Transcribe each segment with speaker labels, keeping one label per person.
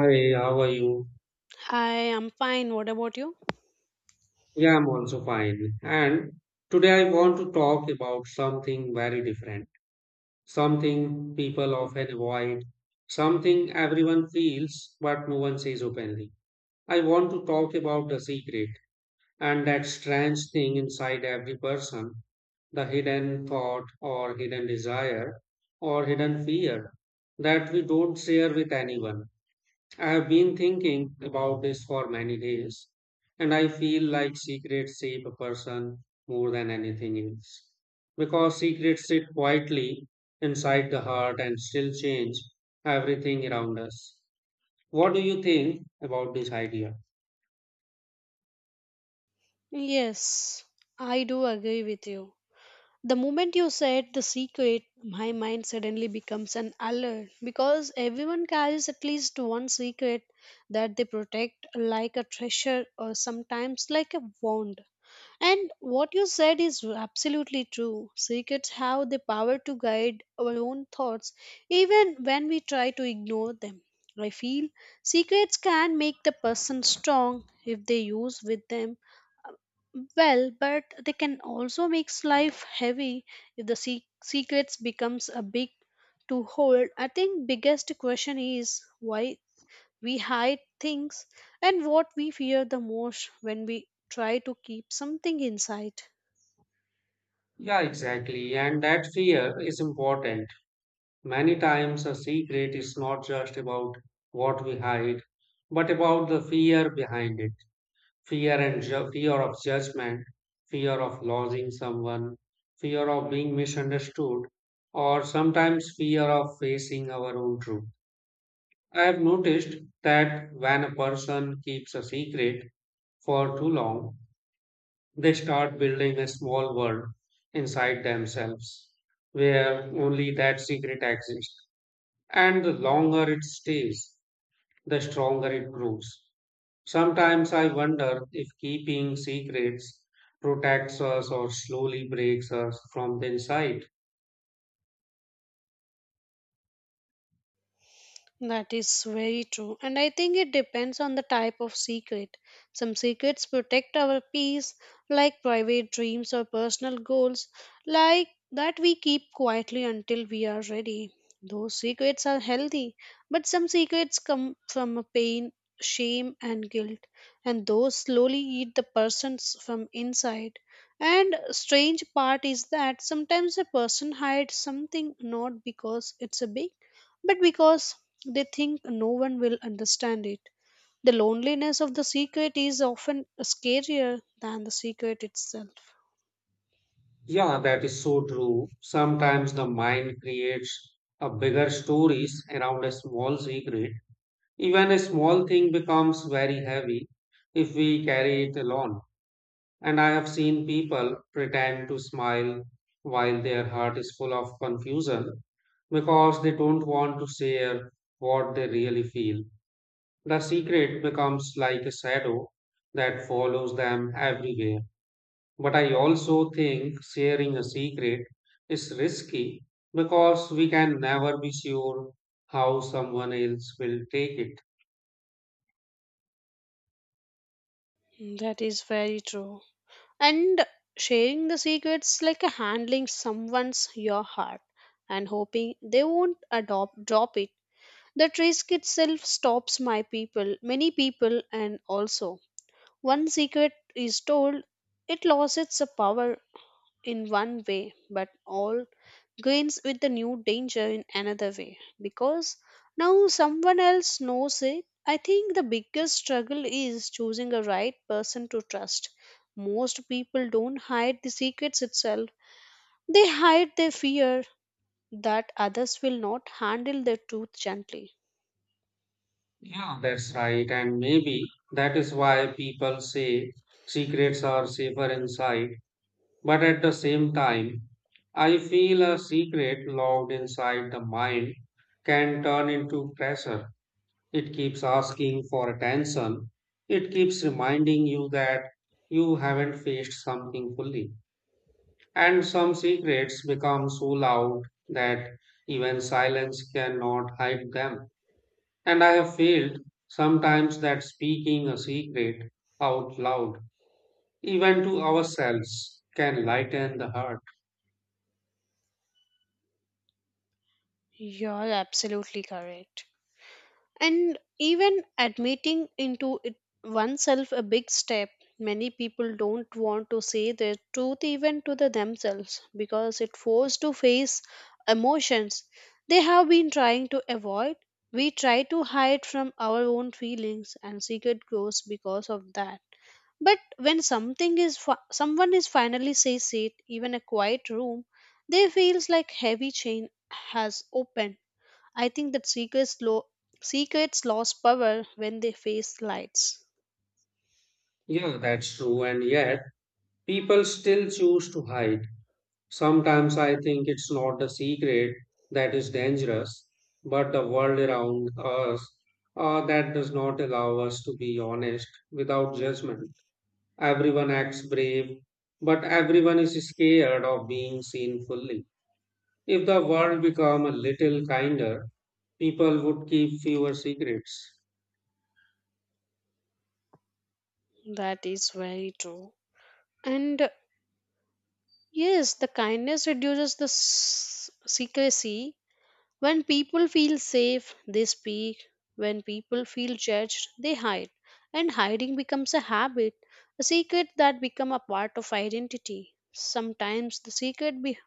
Speaker 1: Hi, how are you?
Speaker 2: I am fine. What about you?
Speaker 1: Yeah, I'm also fine. And today I want to talk about something very different, something people often avoid, something everyone feels but no one says openly. I want to talk about the secret and that strange thing inside every person, the hidden thought or hidden desire or hidden fear that we don't share with anyone. I have been thinking about this for many days, and I feel like secrets shape a person more than anything else. Because secrets sit quietly inside the heart and still change everything around us. What do you think about this idea?
Speaker 2: Yes, I do agree with you. The moment you said the secret, my mind suddenly becomes an alert because everyone carries at least one secret that they protect, like a treasure or sometimes like a wand. And what you said is absolutely true. Secrets have the power to guide our own thoughts even when we try to ignore them. I feel secrets can make the person strong if they use with them well, but they can also make life heavy if the secrets becomes a big to hold. I think biggest question is why we hide things and what we fear the most when we try to keep something inside.
Speaker 1: Yeah, exactly. And that fear is important. Many times, a secret is not just about what we hide, but about the fear behind it. Fear of judgment, fear of losing someone, fear of being misunderstood, or sometimes fear of facing our own truth. I have noticed that when a person keeps a secret for too long, they start building a small world inside themselves where only that secret exists. And the longer it stays, the stronger it grows. Sometimes I wonder if keeping secrets protects us or slowly breaks us from the inside.
Speaker 2: That is very true. And I think it depends on the type of secret. Some secrets protect our peace, like private dreams or personal goals, like that we keep quietly until we are ready. Those secrets are healthy, but some secrets come from a pain, shame, and guilt, and those slowly eat the persons from inside. And strange part is that sometimes a person hides something not because it's a big but because they think no one will understand it. The loneliness of the secret is often scarier than the secret itself.
Speaker 1: Yeah, that is so true. Sometimes the mind creates a bigger stories around a small secret. Even a small thing becomes very heavy if we carry it alone. And I have seen people pretend to smile while their heart is full of confusion because they don't want to share what they really feel. The secret becomes like a shadow that follows them everywhere. But I also think sharing a secret is risky because we can never be sure how someone else will take it.
Speaker 2: Mm, that is very true. And sharing the secrets like a handling someone's your heart and hoping they won't adopt drop it. That risk itself stops my people, many people, and also one secret is told, it loses its power in one way, but all gains with the new danger in another way because now someone else knows it. I think the biggest struggle is choosing a right person to trust. Most people don't hide the secrets itself, they hide their fear that others will not handle their truth gently.
Speaker 1: Yeah. That's right. And maybe that is why people say secrets are safer inside. But at the same time, I feel a secret locked inside the mind can turn into pressure. It keeps asking for attention. It keeps reminding you that you haven't faced something fully. And some secrets become so loud that even silence cannot hide them. And I have felt sometimes that speaking a secret out loud, even to ourselves, can lighten the heart.
Speaker 2: You're absolutely correct. And even admitting into it oneself a big step. Many people don't want to say their truth even to the themselves because it forced to face emotions they have been trying to avoid. We try to hide from our own feelings and secret grows because of that. But when something is someone is finally says it, even a quiet room, they feels like heavy chain has opened. I think that secrets lost power when they face lights.
Speaker 1: Yeah, that's true. And yet, people still choose to hide. Sometimes I think it's not the secret that is dangerous, but the world around us, that does not allow us to be honest without judgment. Everyone acts brave, but everyone is scared of being seen fully. If the world become a little kinder, people would keep fewer secrets.
Speaker 2: That is very true. And yes, the kindness reduces the secrecy. When people feel safe, they speak. When people feel judged, they hide. And hiding becomes a habit, a secret that become a part of identity. Sometimes the secret behind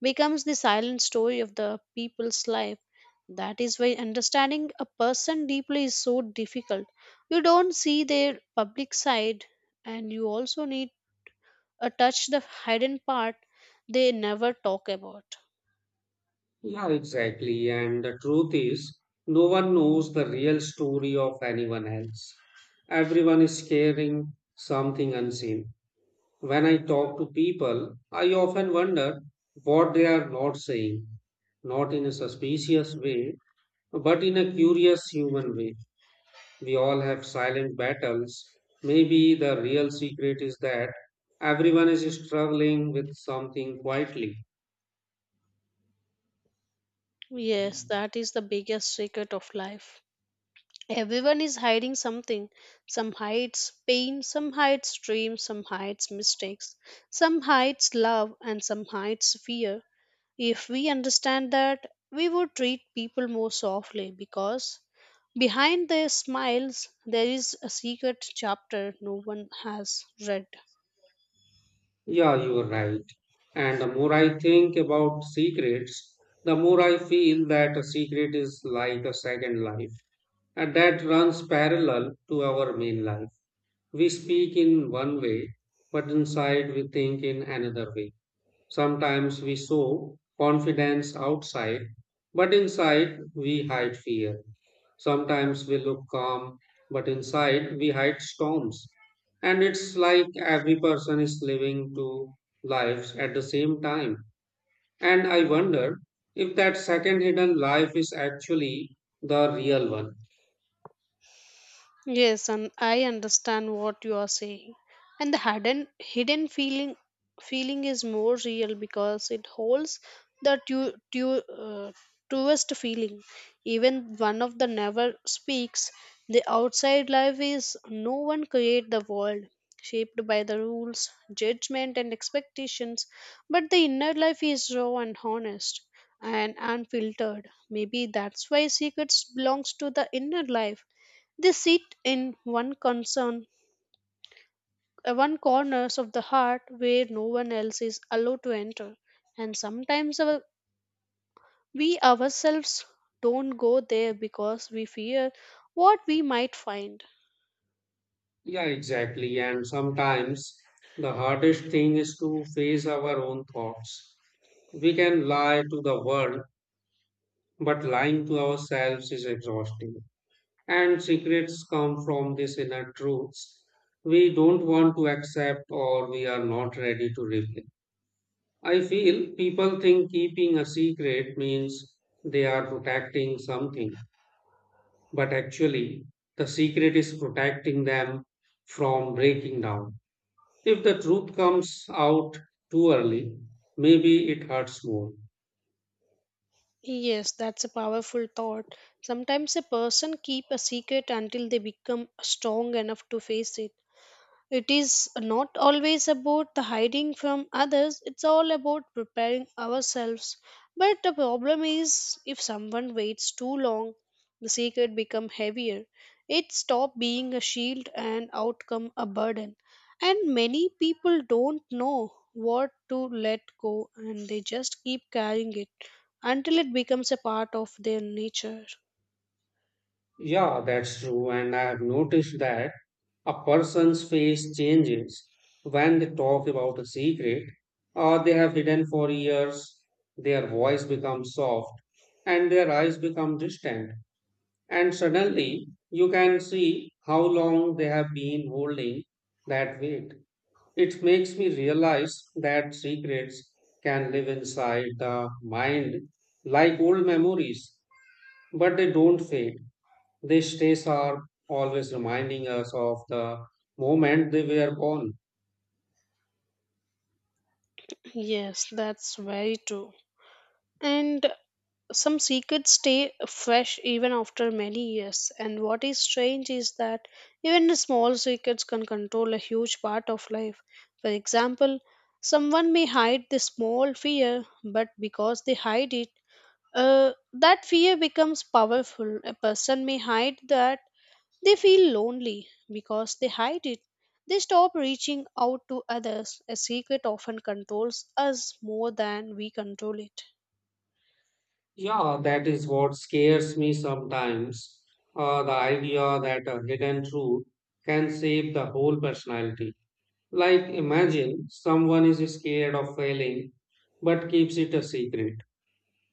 Speaker 2: becomes the silent story of the people's life. That is why understanding a person deeply is so difficult. You don't see their public side, and you also need a touch the hidden part they never talk about.
Speaker 1: Yeah, exactly. And the truth is, no one knows the real story of anyone else. Everyone is carrying something unseen. When I talk to people, I often wonder what they are not saying, not in a suspicious way, but in a curious human way. We all have silent battles. Maybe the real secret is that everyone is struggling with something quietly.
Speaker 2: Yes, that is the biggest secret of life. Everyone is hiding something. Some hides pain, some hides dreams, some hides mistakes, some hides love, and some hides fear. If we understand that, we would treat people more softly because behind their smiles there is a secret chapter no one has read.
Speaker 1: Yeah, you're right. And the more I think about secrets, the more I feel that a secret is like a second life, and that runs parallel to our main life. We speak in one way, but inside we think in another way. Sometimes we show confidence outside, but inside we hide fear. Sometimes we look calm, but inside we hide storms. And it's like every person is living two lives at the same time. And I wonder if that second hidden life is actually the real one.
Speaker 2: Yes, and I understand what you are saying. And the hidden feeling is more real because it holds the truest feeling. Even one of the never speaks. The outside life is no one create the world shaped by the rules, judgment, and expectations, but the inner life is raw and honest and unfiltered. Maybe that's why secrets belongs to the inner life they sit in one concern, one corners of the heart where no one else is allowed to enter. And we ourselves don't go there because we fear what we might find.
Speaker 1: Yeah, exactly. And sometimes the hardest thing is to face our own thoughts. We can lie to the world, but lying to ourselves is exhausting. And secrets come from these inner truths we don't want to accept or we are not ready to reveal. I feel people think keeping a secret means they are protecting something, but actually, the secret is protecting them from breaking down. If the truth comes out too early, maybe it hurts more.
Speaker 2: Yes, that's a powerful thought. Sometimes a person keep a secret until they become strong enough to face it. It is not always about the hiding from others, it's all about preparing ourselves. But the problem is if someone waits too long, the secret becomes heavier. It stops being a shield and outcome a burden. And many people don't know what to let go and they just keep carrying it until it becomes a part of their nature.
Speaker 1: Yeah, that's true. And I have noticed that a person's face changes when they talk about a secret or they have hidden for years. Their voice becomes soft and their eyes become distant. And suddenly you can see how long they have been holding that weight. It makes me realize that secrets can live inside the mind like old memories, but they don't fade. These days are always reminding us of the moment they were born.
Speaker 2: Yes, that's very true. And some secrets stay fresh even after many years, and what is strange is that even the small secrets can control a huge part of life. For example, someone may hide the small fear, but because they hide it, that fear becomes powerful. A person may hide that they feel lonely because they hide it. They stop reaching out to others. A secret often controls us more than we control it.
Speaker 1: Yeah, that is what scares me sometimes. The idea that a hidden truth can shape the whole personality. Like, imagine someone is scared of failing but keeps it a secret.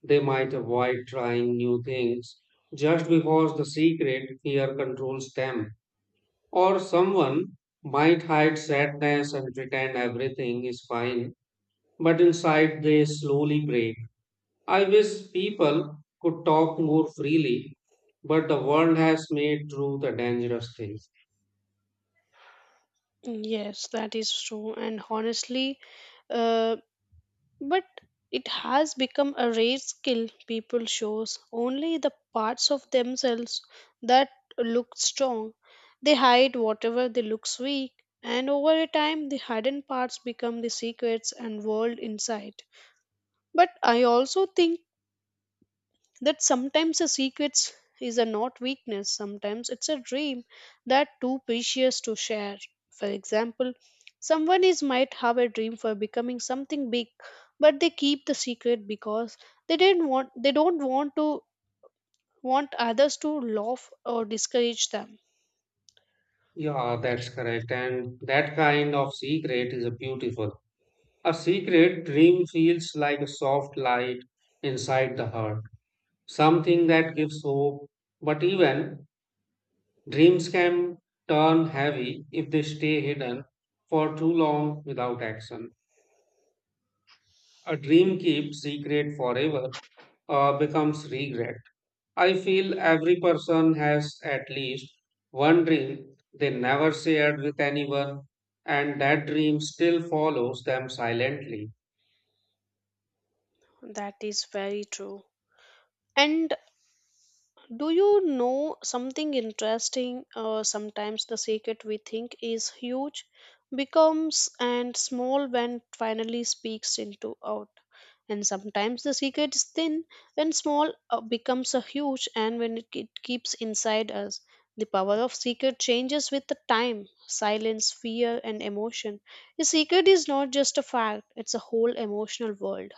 Speaker 1: They might avoid trying new things just because the secret fear controls them. Or someone might hide sadness and pretend everything is fine, but inside they slowly break. I wish people could talk more freely, but the world has made truth a dangerous thing.
Speaker 2: Yes, that is true. And honestly, uh, but it has become a rare skill people shows only the parts of themselves that look strong. They hide whatever they looks weak, and over a time, the hidden parts become the secrets and world inside. But I also think that sometimes a secret is a not weakness, sometimes it's a dream that too precious to share. For example, someone is might have a dream for becoming something big, but they keep the secret because they don't want to want others to laugh or discourage them.
Speaker 1: Yeah, that's correct. And that kind of secret is a beautiful. A secret dream feels like a soft light inside the heart, something that gives hope. But even dreams can turn heavy if they stay hidden for too long without action. A dream keeps secret forever becomes regret. I feel every person has at least one dream they never shared with anyone, and that dream still follows them silently.
Speaker 2: That is very true. And do you know something interesting? Sometimes the secret we think is huge becomes and small when finally speaks into out. And sometimes the secret is thin when small becomes a huge and when it keeps inside us. The power of secret changes with the time, silence, fear, and emotion. The secret is not just a fact, it's a whole emotional world.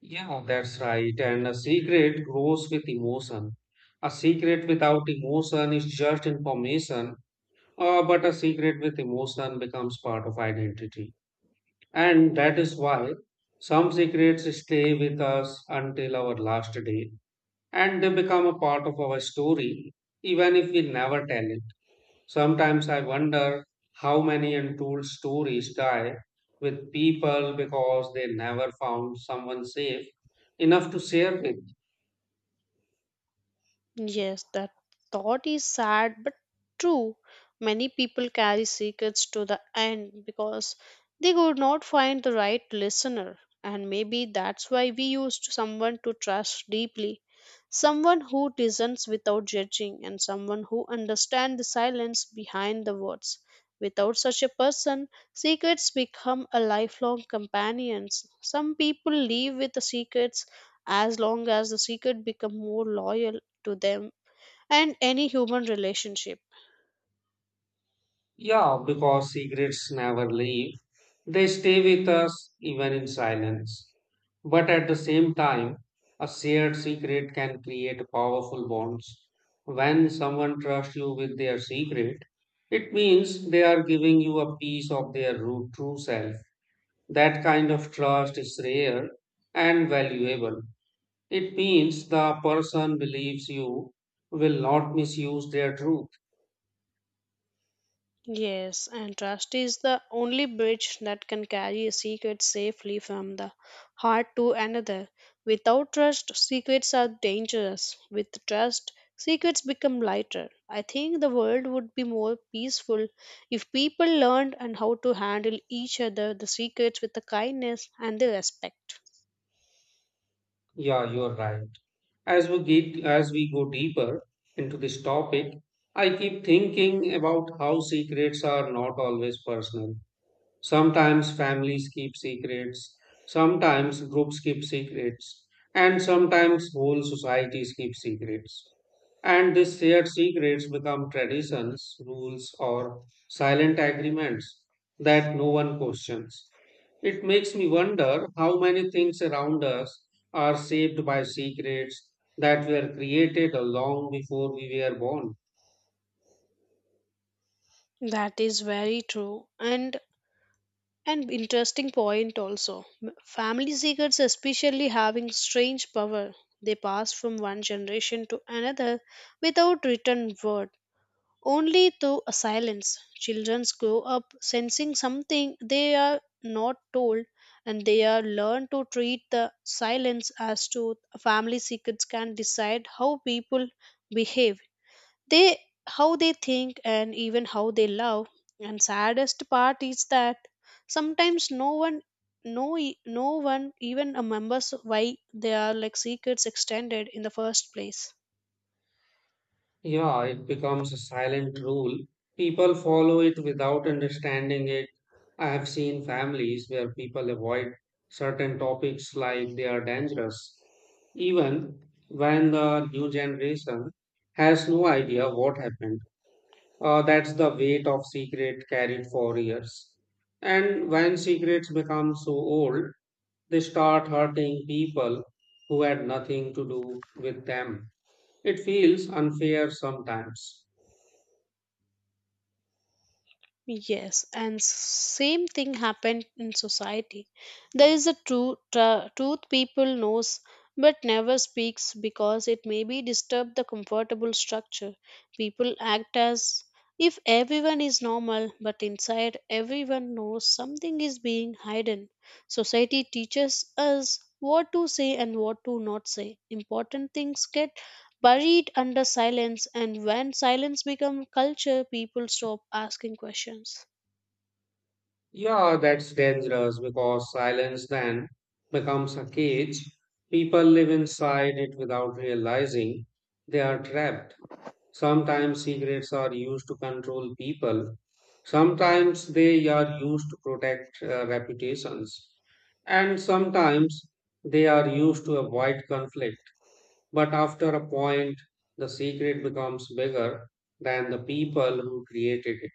Speaker 1: Yeah, that's right. And a secret grows with emotion. A secret without emotion is just information, but a secret with emotion becomes part of identity. And that is why some secrets stay with us until our last day and they become a part of our story, even if we never tell it. Sometimes I wonder how many untold stories die with people because they never found someone safe enough to share with.
Speaker 2: Yes, that thought is sad but true. Many people carry secrets to the end because they could not find the right listener, and maybe that's why we used someone to trust deeply, someone who listens without judging, and someone who understands the silence behind the words. Without such a person, secrets become a lifelong companions. Some people live with the secrets as long as the secret become more loyal to them and any human relationship.
Speaker 1: Yeah, because secrets never leave. They stay with us even in silence. But at the same time, a shared secret can create powerful bonds. When someone trusts you with their secret, it means they are giving you a piece of their true self. That kind of trust is rare and valuable. It means the person believes you will not misuse their truth.
Speaker 2: Yes, and trust is the only bridge that can carry a secret safely from the heart to another. Without trust, secrets are dangerous. With trust, secrets become lighter. I think the world would be more peaceful if people learned and how to handle each other the secrets with the kindness and the respect.
Speaker 1: Yeah, you're right. As we go deeper into this topic, I keep thinking about how secrets are not always personal. Sometimes families keep secrets, sometimes groups keep secrets, and sometimes whole societies keep secrets. And these shared secrets become traditions, rules, or silent agreements that no one questions. It makes me wonder how many things around us are shaped by secrets that were created long before we were born.
Speaker 2: That is very true. And interesting point also. Family secrets, especially having strange power, they pass from one generation to another without written word, only through a silence. Children grow up sensing something they are not told, and they are learned to treat the silence as to family secrets can decide how people behave, they how they think and even how they love. And saddest part is that sometimes no one, no one even remembers why they are like secrets extended in the first place.
Speaker 1: Yeah, it becomes a silent rule. People follow it without understanding it. I have seen families where people avoid certain topics like they are dangerous, even when the new generation has no idea what happened. That's the weight of secret carried for years. And when secrets become so old, they start hurting people who had nothing to do with them. It feels unfair sometimes.
Speaker 2: Yes, and same thing happened in society. There is a truth people knows but never speaks because it may be disturb the comfortable structure. People act as if everyone is normal, but inside everyone knows something is being hidden. Society teaches us what to say and what to not say. Important things get buried under silence and when silence becomes culture people stop asking questions.
Speaker 1: Yeah, that's dangerous because silence then becomes a cage. People live inside it without realizing they are trapped. Sometimes secrets are used to control people. Sometimes they are used to protect reputations. And sometimes they are used to avoid conflict. But after a point, the secret becomes bigger than the people who created it.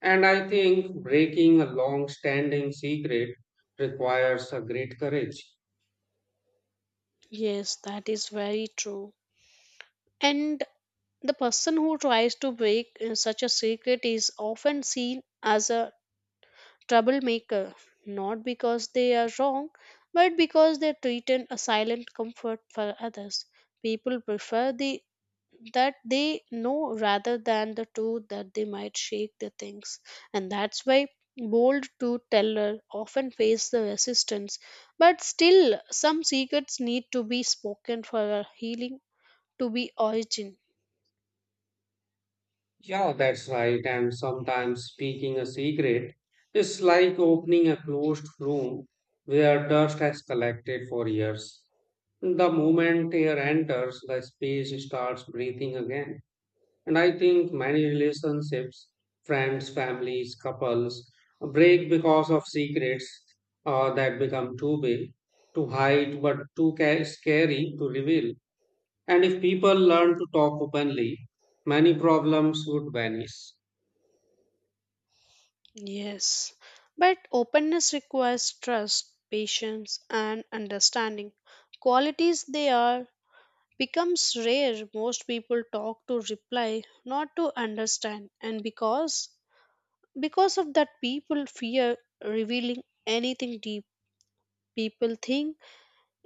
Speaker 1: And I think breaking a long standing secret requires a great courage.
Speaker 2: Yes, that is very true. And the person who tries to break such a secret is often seen as a troublemaker, not because they are wrong but because they threaten a silent comfort for others. People prefer the that they know rather than the two that they might shake the things. And that's why bold to teller often face the resistance, but still some secrets need to be spoken for a healing to be origin.
Speaker 1: Yeah, that's right. And sometimes speaking a secret is like opening a closed room where dust has collected for years. The moment air enters, the space starts breathing again. And I think many relationships, friends, families, couples, break because of secrets that become too big to hide but scary to reveal. And if people learn to talk openly, many problems would vanish.
Speaker 2: Yes, but openness requires trust, patience, and understanding, qualities they are becomes rare. Most people talk to reply not to understand, and because of that, people fear revealing anything deep. People think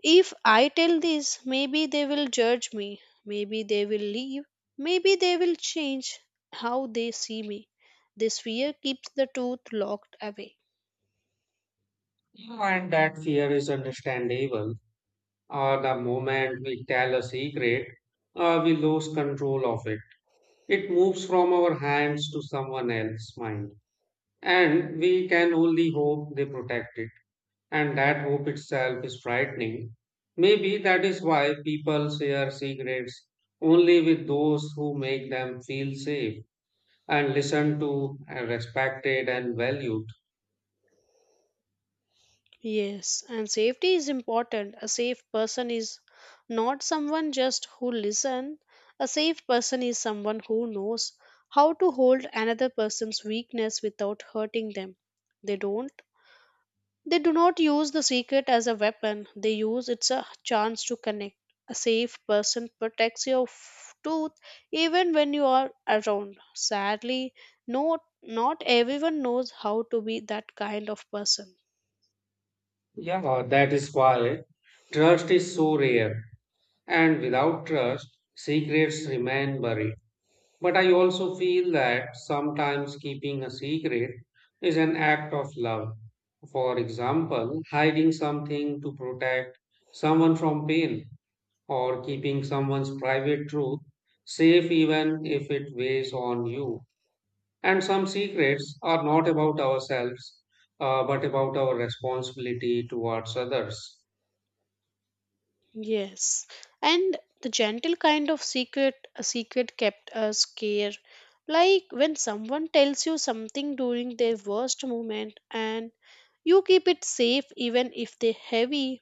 Speaker 2: if I tell this, maybe they will judge me, maybe they will leave, maybe they will change how they see me. This fear keeps the truth locked away.
Speaker 1: And that fear is understandable. The moment we tell a secret, we lose control of it. It moves from our hands to someone else's mind. And we can only hope they protect it. And that hope itself is frightening. Maybe that is why people share secrets only with those who make them feel safe and listened to, and respected, and valued.
Speaker 2: Yes, and safety is important. A safe person is not someone just who listen. A safe person is someone who knows how to hold another person's weakness without hurting them. They don't They do not use the secret as a weapon, they use it's a chance to connect. A safe person protects your tooth even when you are around. Sadly, no, not everyone knows how to be that kind of person.
Speaker 1: Yeah, that is why trust is so rare and without trust, secrets remain buried. But I also feel that sometimes keeping a secret is an act of love. For example, hiding something to protect someone from pain or keeping someone's private truth safe even if it weighs on you. And some secrets are not about ourselves, but about our responsibility towards others.
Speaker 2: Yes. And the gentle kind of secret a secret kept us care. Like when someone tells you something during their worst moment and you keep it safe even if they're heavy,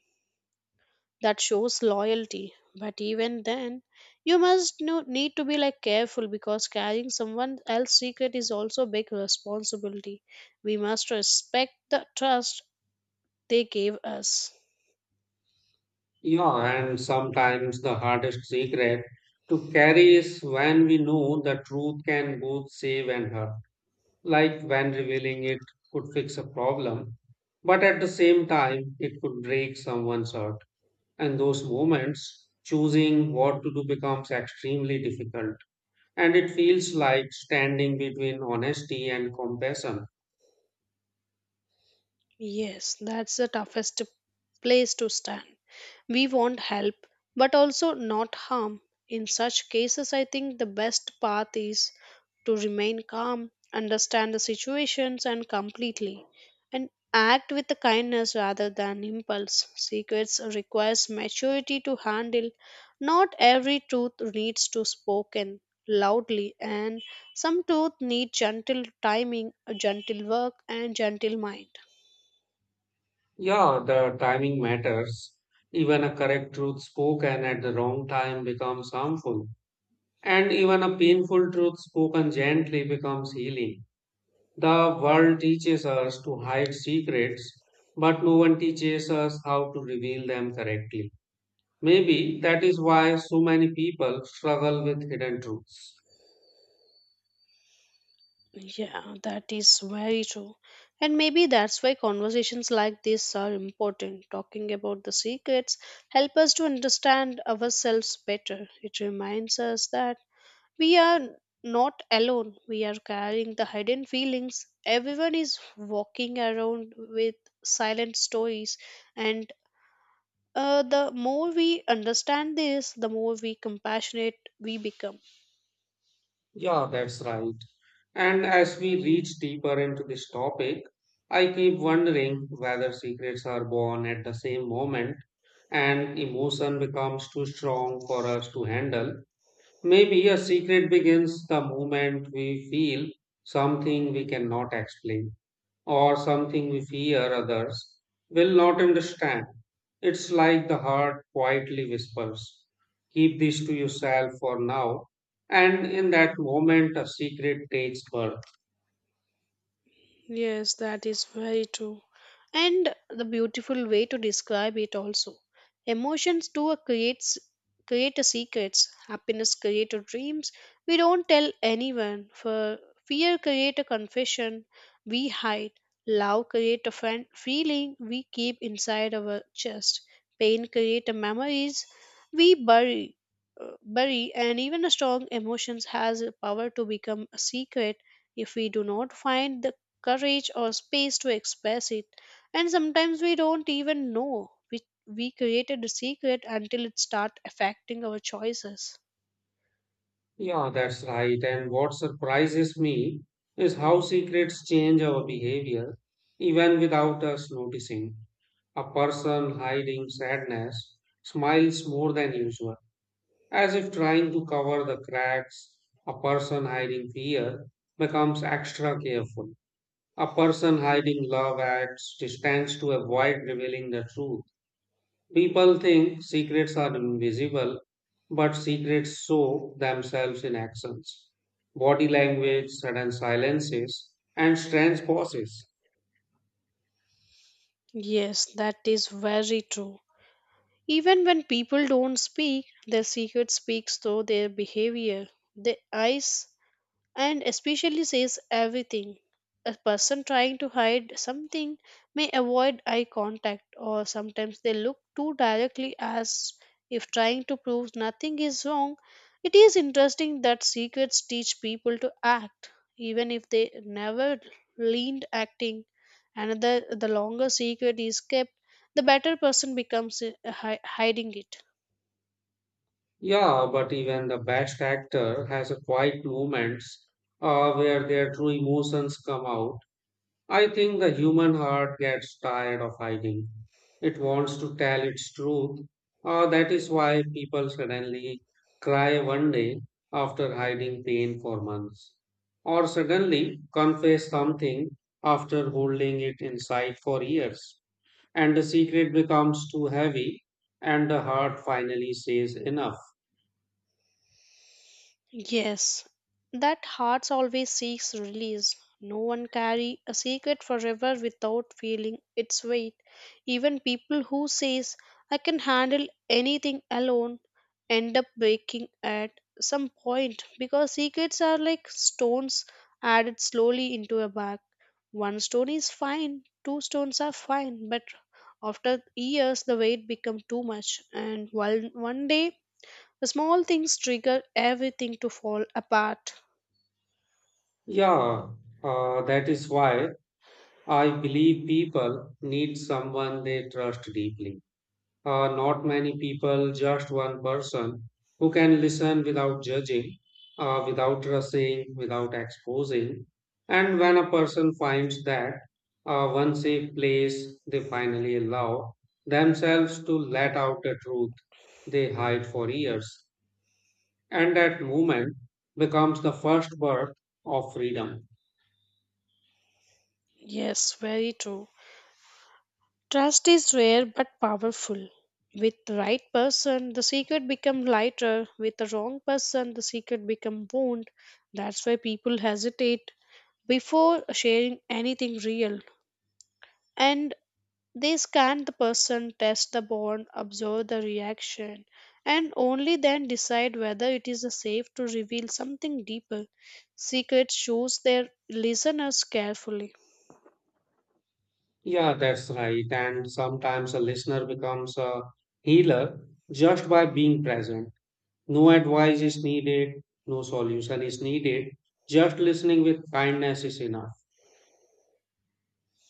Speaker 2: that shows loyalty. But even then, need to be like careful because carrying someone else's secret is also a big responsibility. We must respect the trust they gave us.
Speaker 1: Yeah, and sometimes the hardest secret to carry is when we know the truth can both save and hurt. Like when revealing it could fix a problem, but at the same time, it could break someone's heart. And those moments, choosing what to do becomes extremely difficult. And it feels like standing between honesty and compassion.
Speaker 2: Yes, that's the toughest place to stand. We want help, but also not harm. In such cases, I think the best path is to remain calm, understand the situations and completely, and act with the kindness rather than impulse. Secrets requires maturity to handle. Not every truth needs to spoken loudly, and some truth need gentle timing, a gentle work, and gentle mind.
Speaker 1: Yeah, the timing matters. Even a correct truth spoken at the wrong time becomes harmful. And even a painful truth spoken gently becomes healing. The world teaches us to hide secrets, but no one teaches us how to reveal them correctly. Maybe that is why so many people struggle with hidden truths.
Speaker 2: Yeah, that is very true. And maybe that's why conversations like this are important. Talking about the secrets help us to understand ourselves better. It reminds us that we are not alone. We are carrying the hidden feelings. Everyone is walking around with silent stories and the more we understand this, the more we compassionate we become.
Speaker 1: Yeah, that's right. And as we reach deeper into this topic, I keep wondering whether secrets are born at the same moment and emotion becomes too strong for us to handle. Maybe a secret begins the moment we feel something we cannot explain or something we fear others will not understand. It's like the heart quietly whispers, "Keep this to yourself for now." And in that moment, a secret takes birth.
Speaker 2: Yes, that is very true. And the beautiful way to describe it also. Emotions do a creates create a secrets. Happiness create a dreams. We don't tell anyone. For fear create a confession we hide. Love create a friend feeling we keep inside our chest. Pain create a memories we bury. Uh, Bury and Even a strong emotions has a power to become a secret if we do not find the courage or space to express it. And sometimes we don't even know we created a secret until it starts affecting our choices.
Speaker 1: Yeah, that's right. And what surprises me is how secrets change our behavior even without us noticing. A person hiding sadness smiles more than usual, as if trying to cover the cracks. A person hiding fear becomes extra careful. A person hiding love acts distance to avoid revealing the truth. People think secrets are invisible, but secrets show themselves in actions. Body language, sudden silences, and strange pauses.
Speaker 2: Yes, that is very true. Even when people don't speak, their secret speaks through their behavior. Their eyes and especially says everything. A person trying to hide something may avoid eye contact, or sometimes they look too directly as if trying to prove nothing is wrong. It is interesting that secrets teach people to act, even if they never learned acting. Another, the longer secret is kept, the better person becomes hiding it.
Speaker 1: Yeah, but even the best actor has a quiet moments where their true emotions come out. I think the human heart gets tired of hiding. It wants to tell its truth. That is why people suddenly cry one day after hiding pain for months, or suddenly confess something after holding it inside for years. And the secret becomes too heavy, and the heart finally says enough.
Speaker 2: Yes, that heart always seeks release. No one carry a secret forever without feeling its weight. Even people who says I can handle anything alone end up breaking at some point because secrets are like stones added slowly into a bag. One stone is fine, two stones are fine, but after years the weight become too much and one day small things trigger everything to fall apart.
Speaker 1: Yeah, that is why I believe people need someone they trust deeply. Not many people, just one person who can listen without judging, without rushing, without exposing. And when a person finds that one safe place, they finally allow themselves to let out the truth they hide for years. And that moment becomes the first birth of freedom.
Speaker 2: Yes, very true. Trust is rare but powerful. With the right person, the secret become lighter. With the wrong person, the secret become wound. That's why people hesitate before sharing anything real. And they scan the person, test the bond, observe the reaction, and only then decide whether it is safe to reveal something deeper. Secrets choose their listeners carefully.
Speaker 1: Yeah, that's right. And sometimes a listener becomes a healer just by being present. No advice is needed, no solution is needed. Just listening with kindness is enough.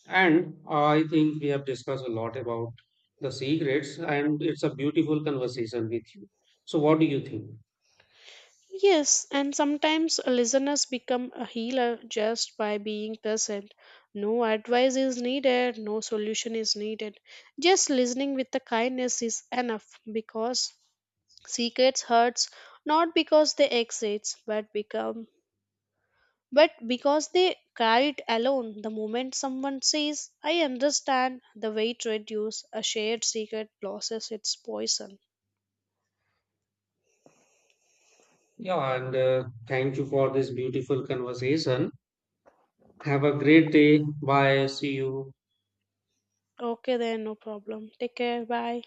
Speaker 1: And I think we have discussed a lot about the secrets, and it's a beautiful conversation with you. So, what do you think?
Speaker 2: Yes, and sometimes listeners become a healer just by being present. No advice is needed, no solution is needed. Just listening with the kindness is enough because secrets hurts not because they exist but become. But because they carry it alone, the moment someone says, I understand, the weight reduces, a shared secret loses its poison.
Speaker 1: Yeah, and thank you for this beautiful conversation. Have a great day. Bye. See you.
Speaker 2: Okay, then, no problem. Take care, bye.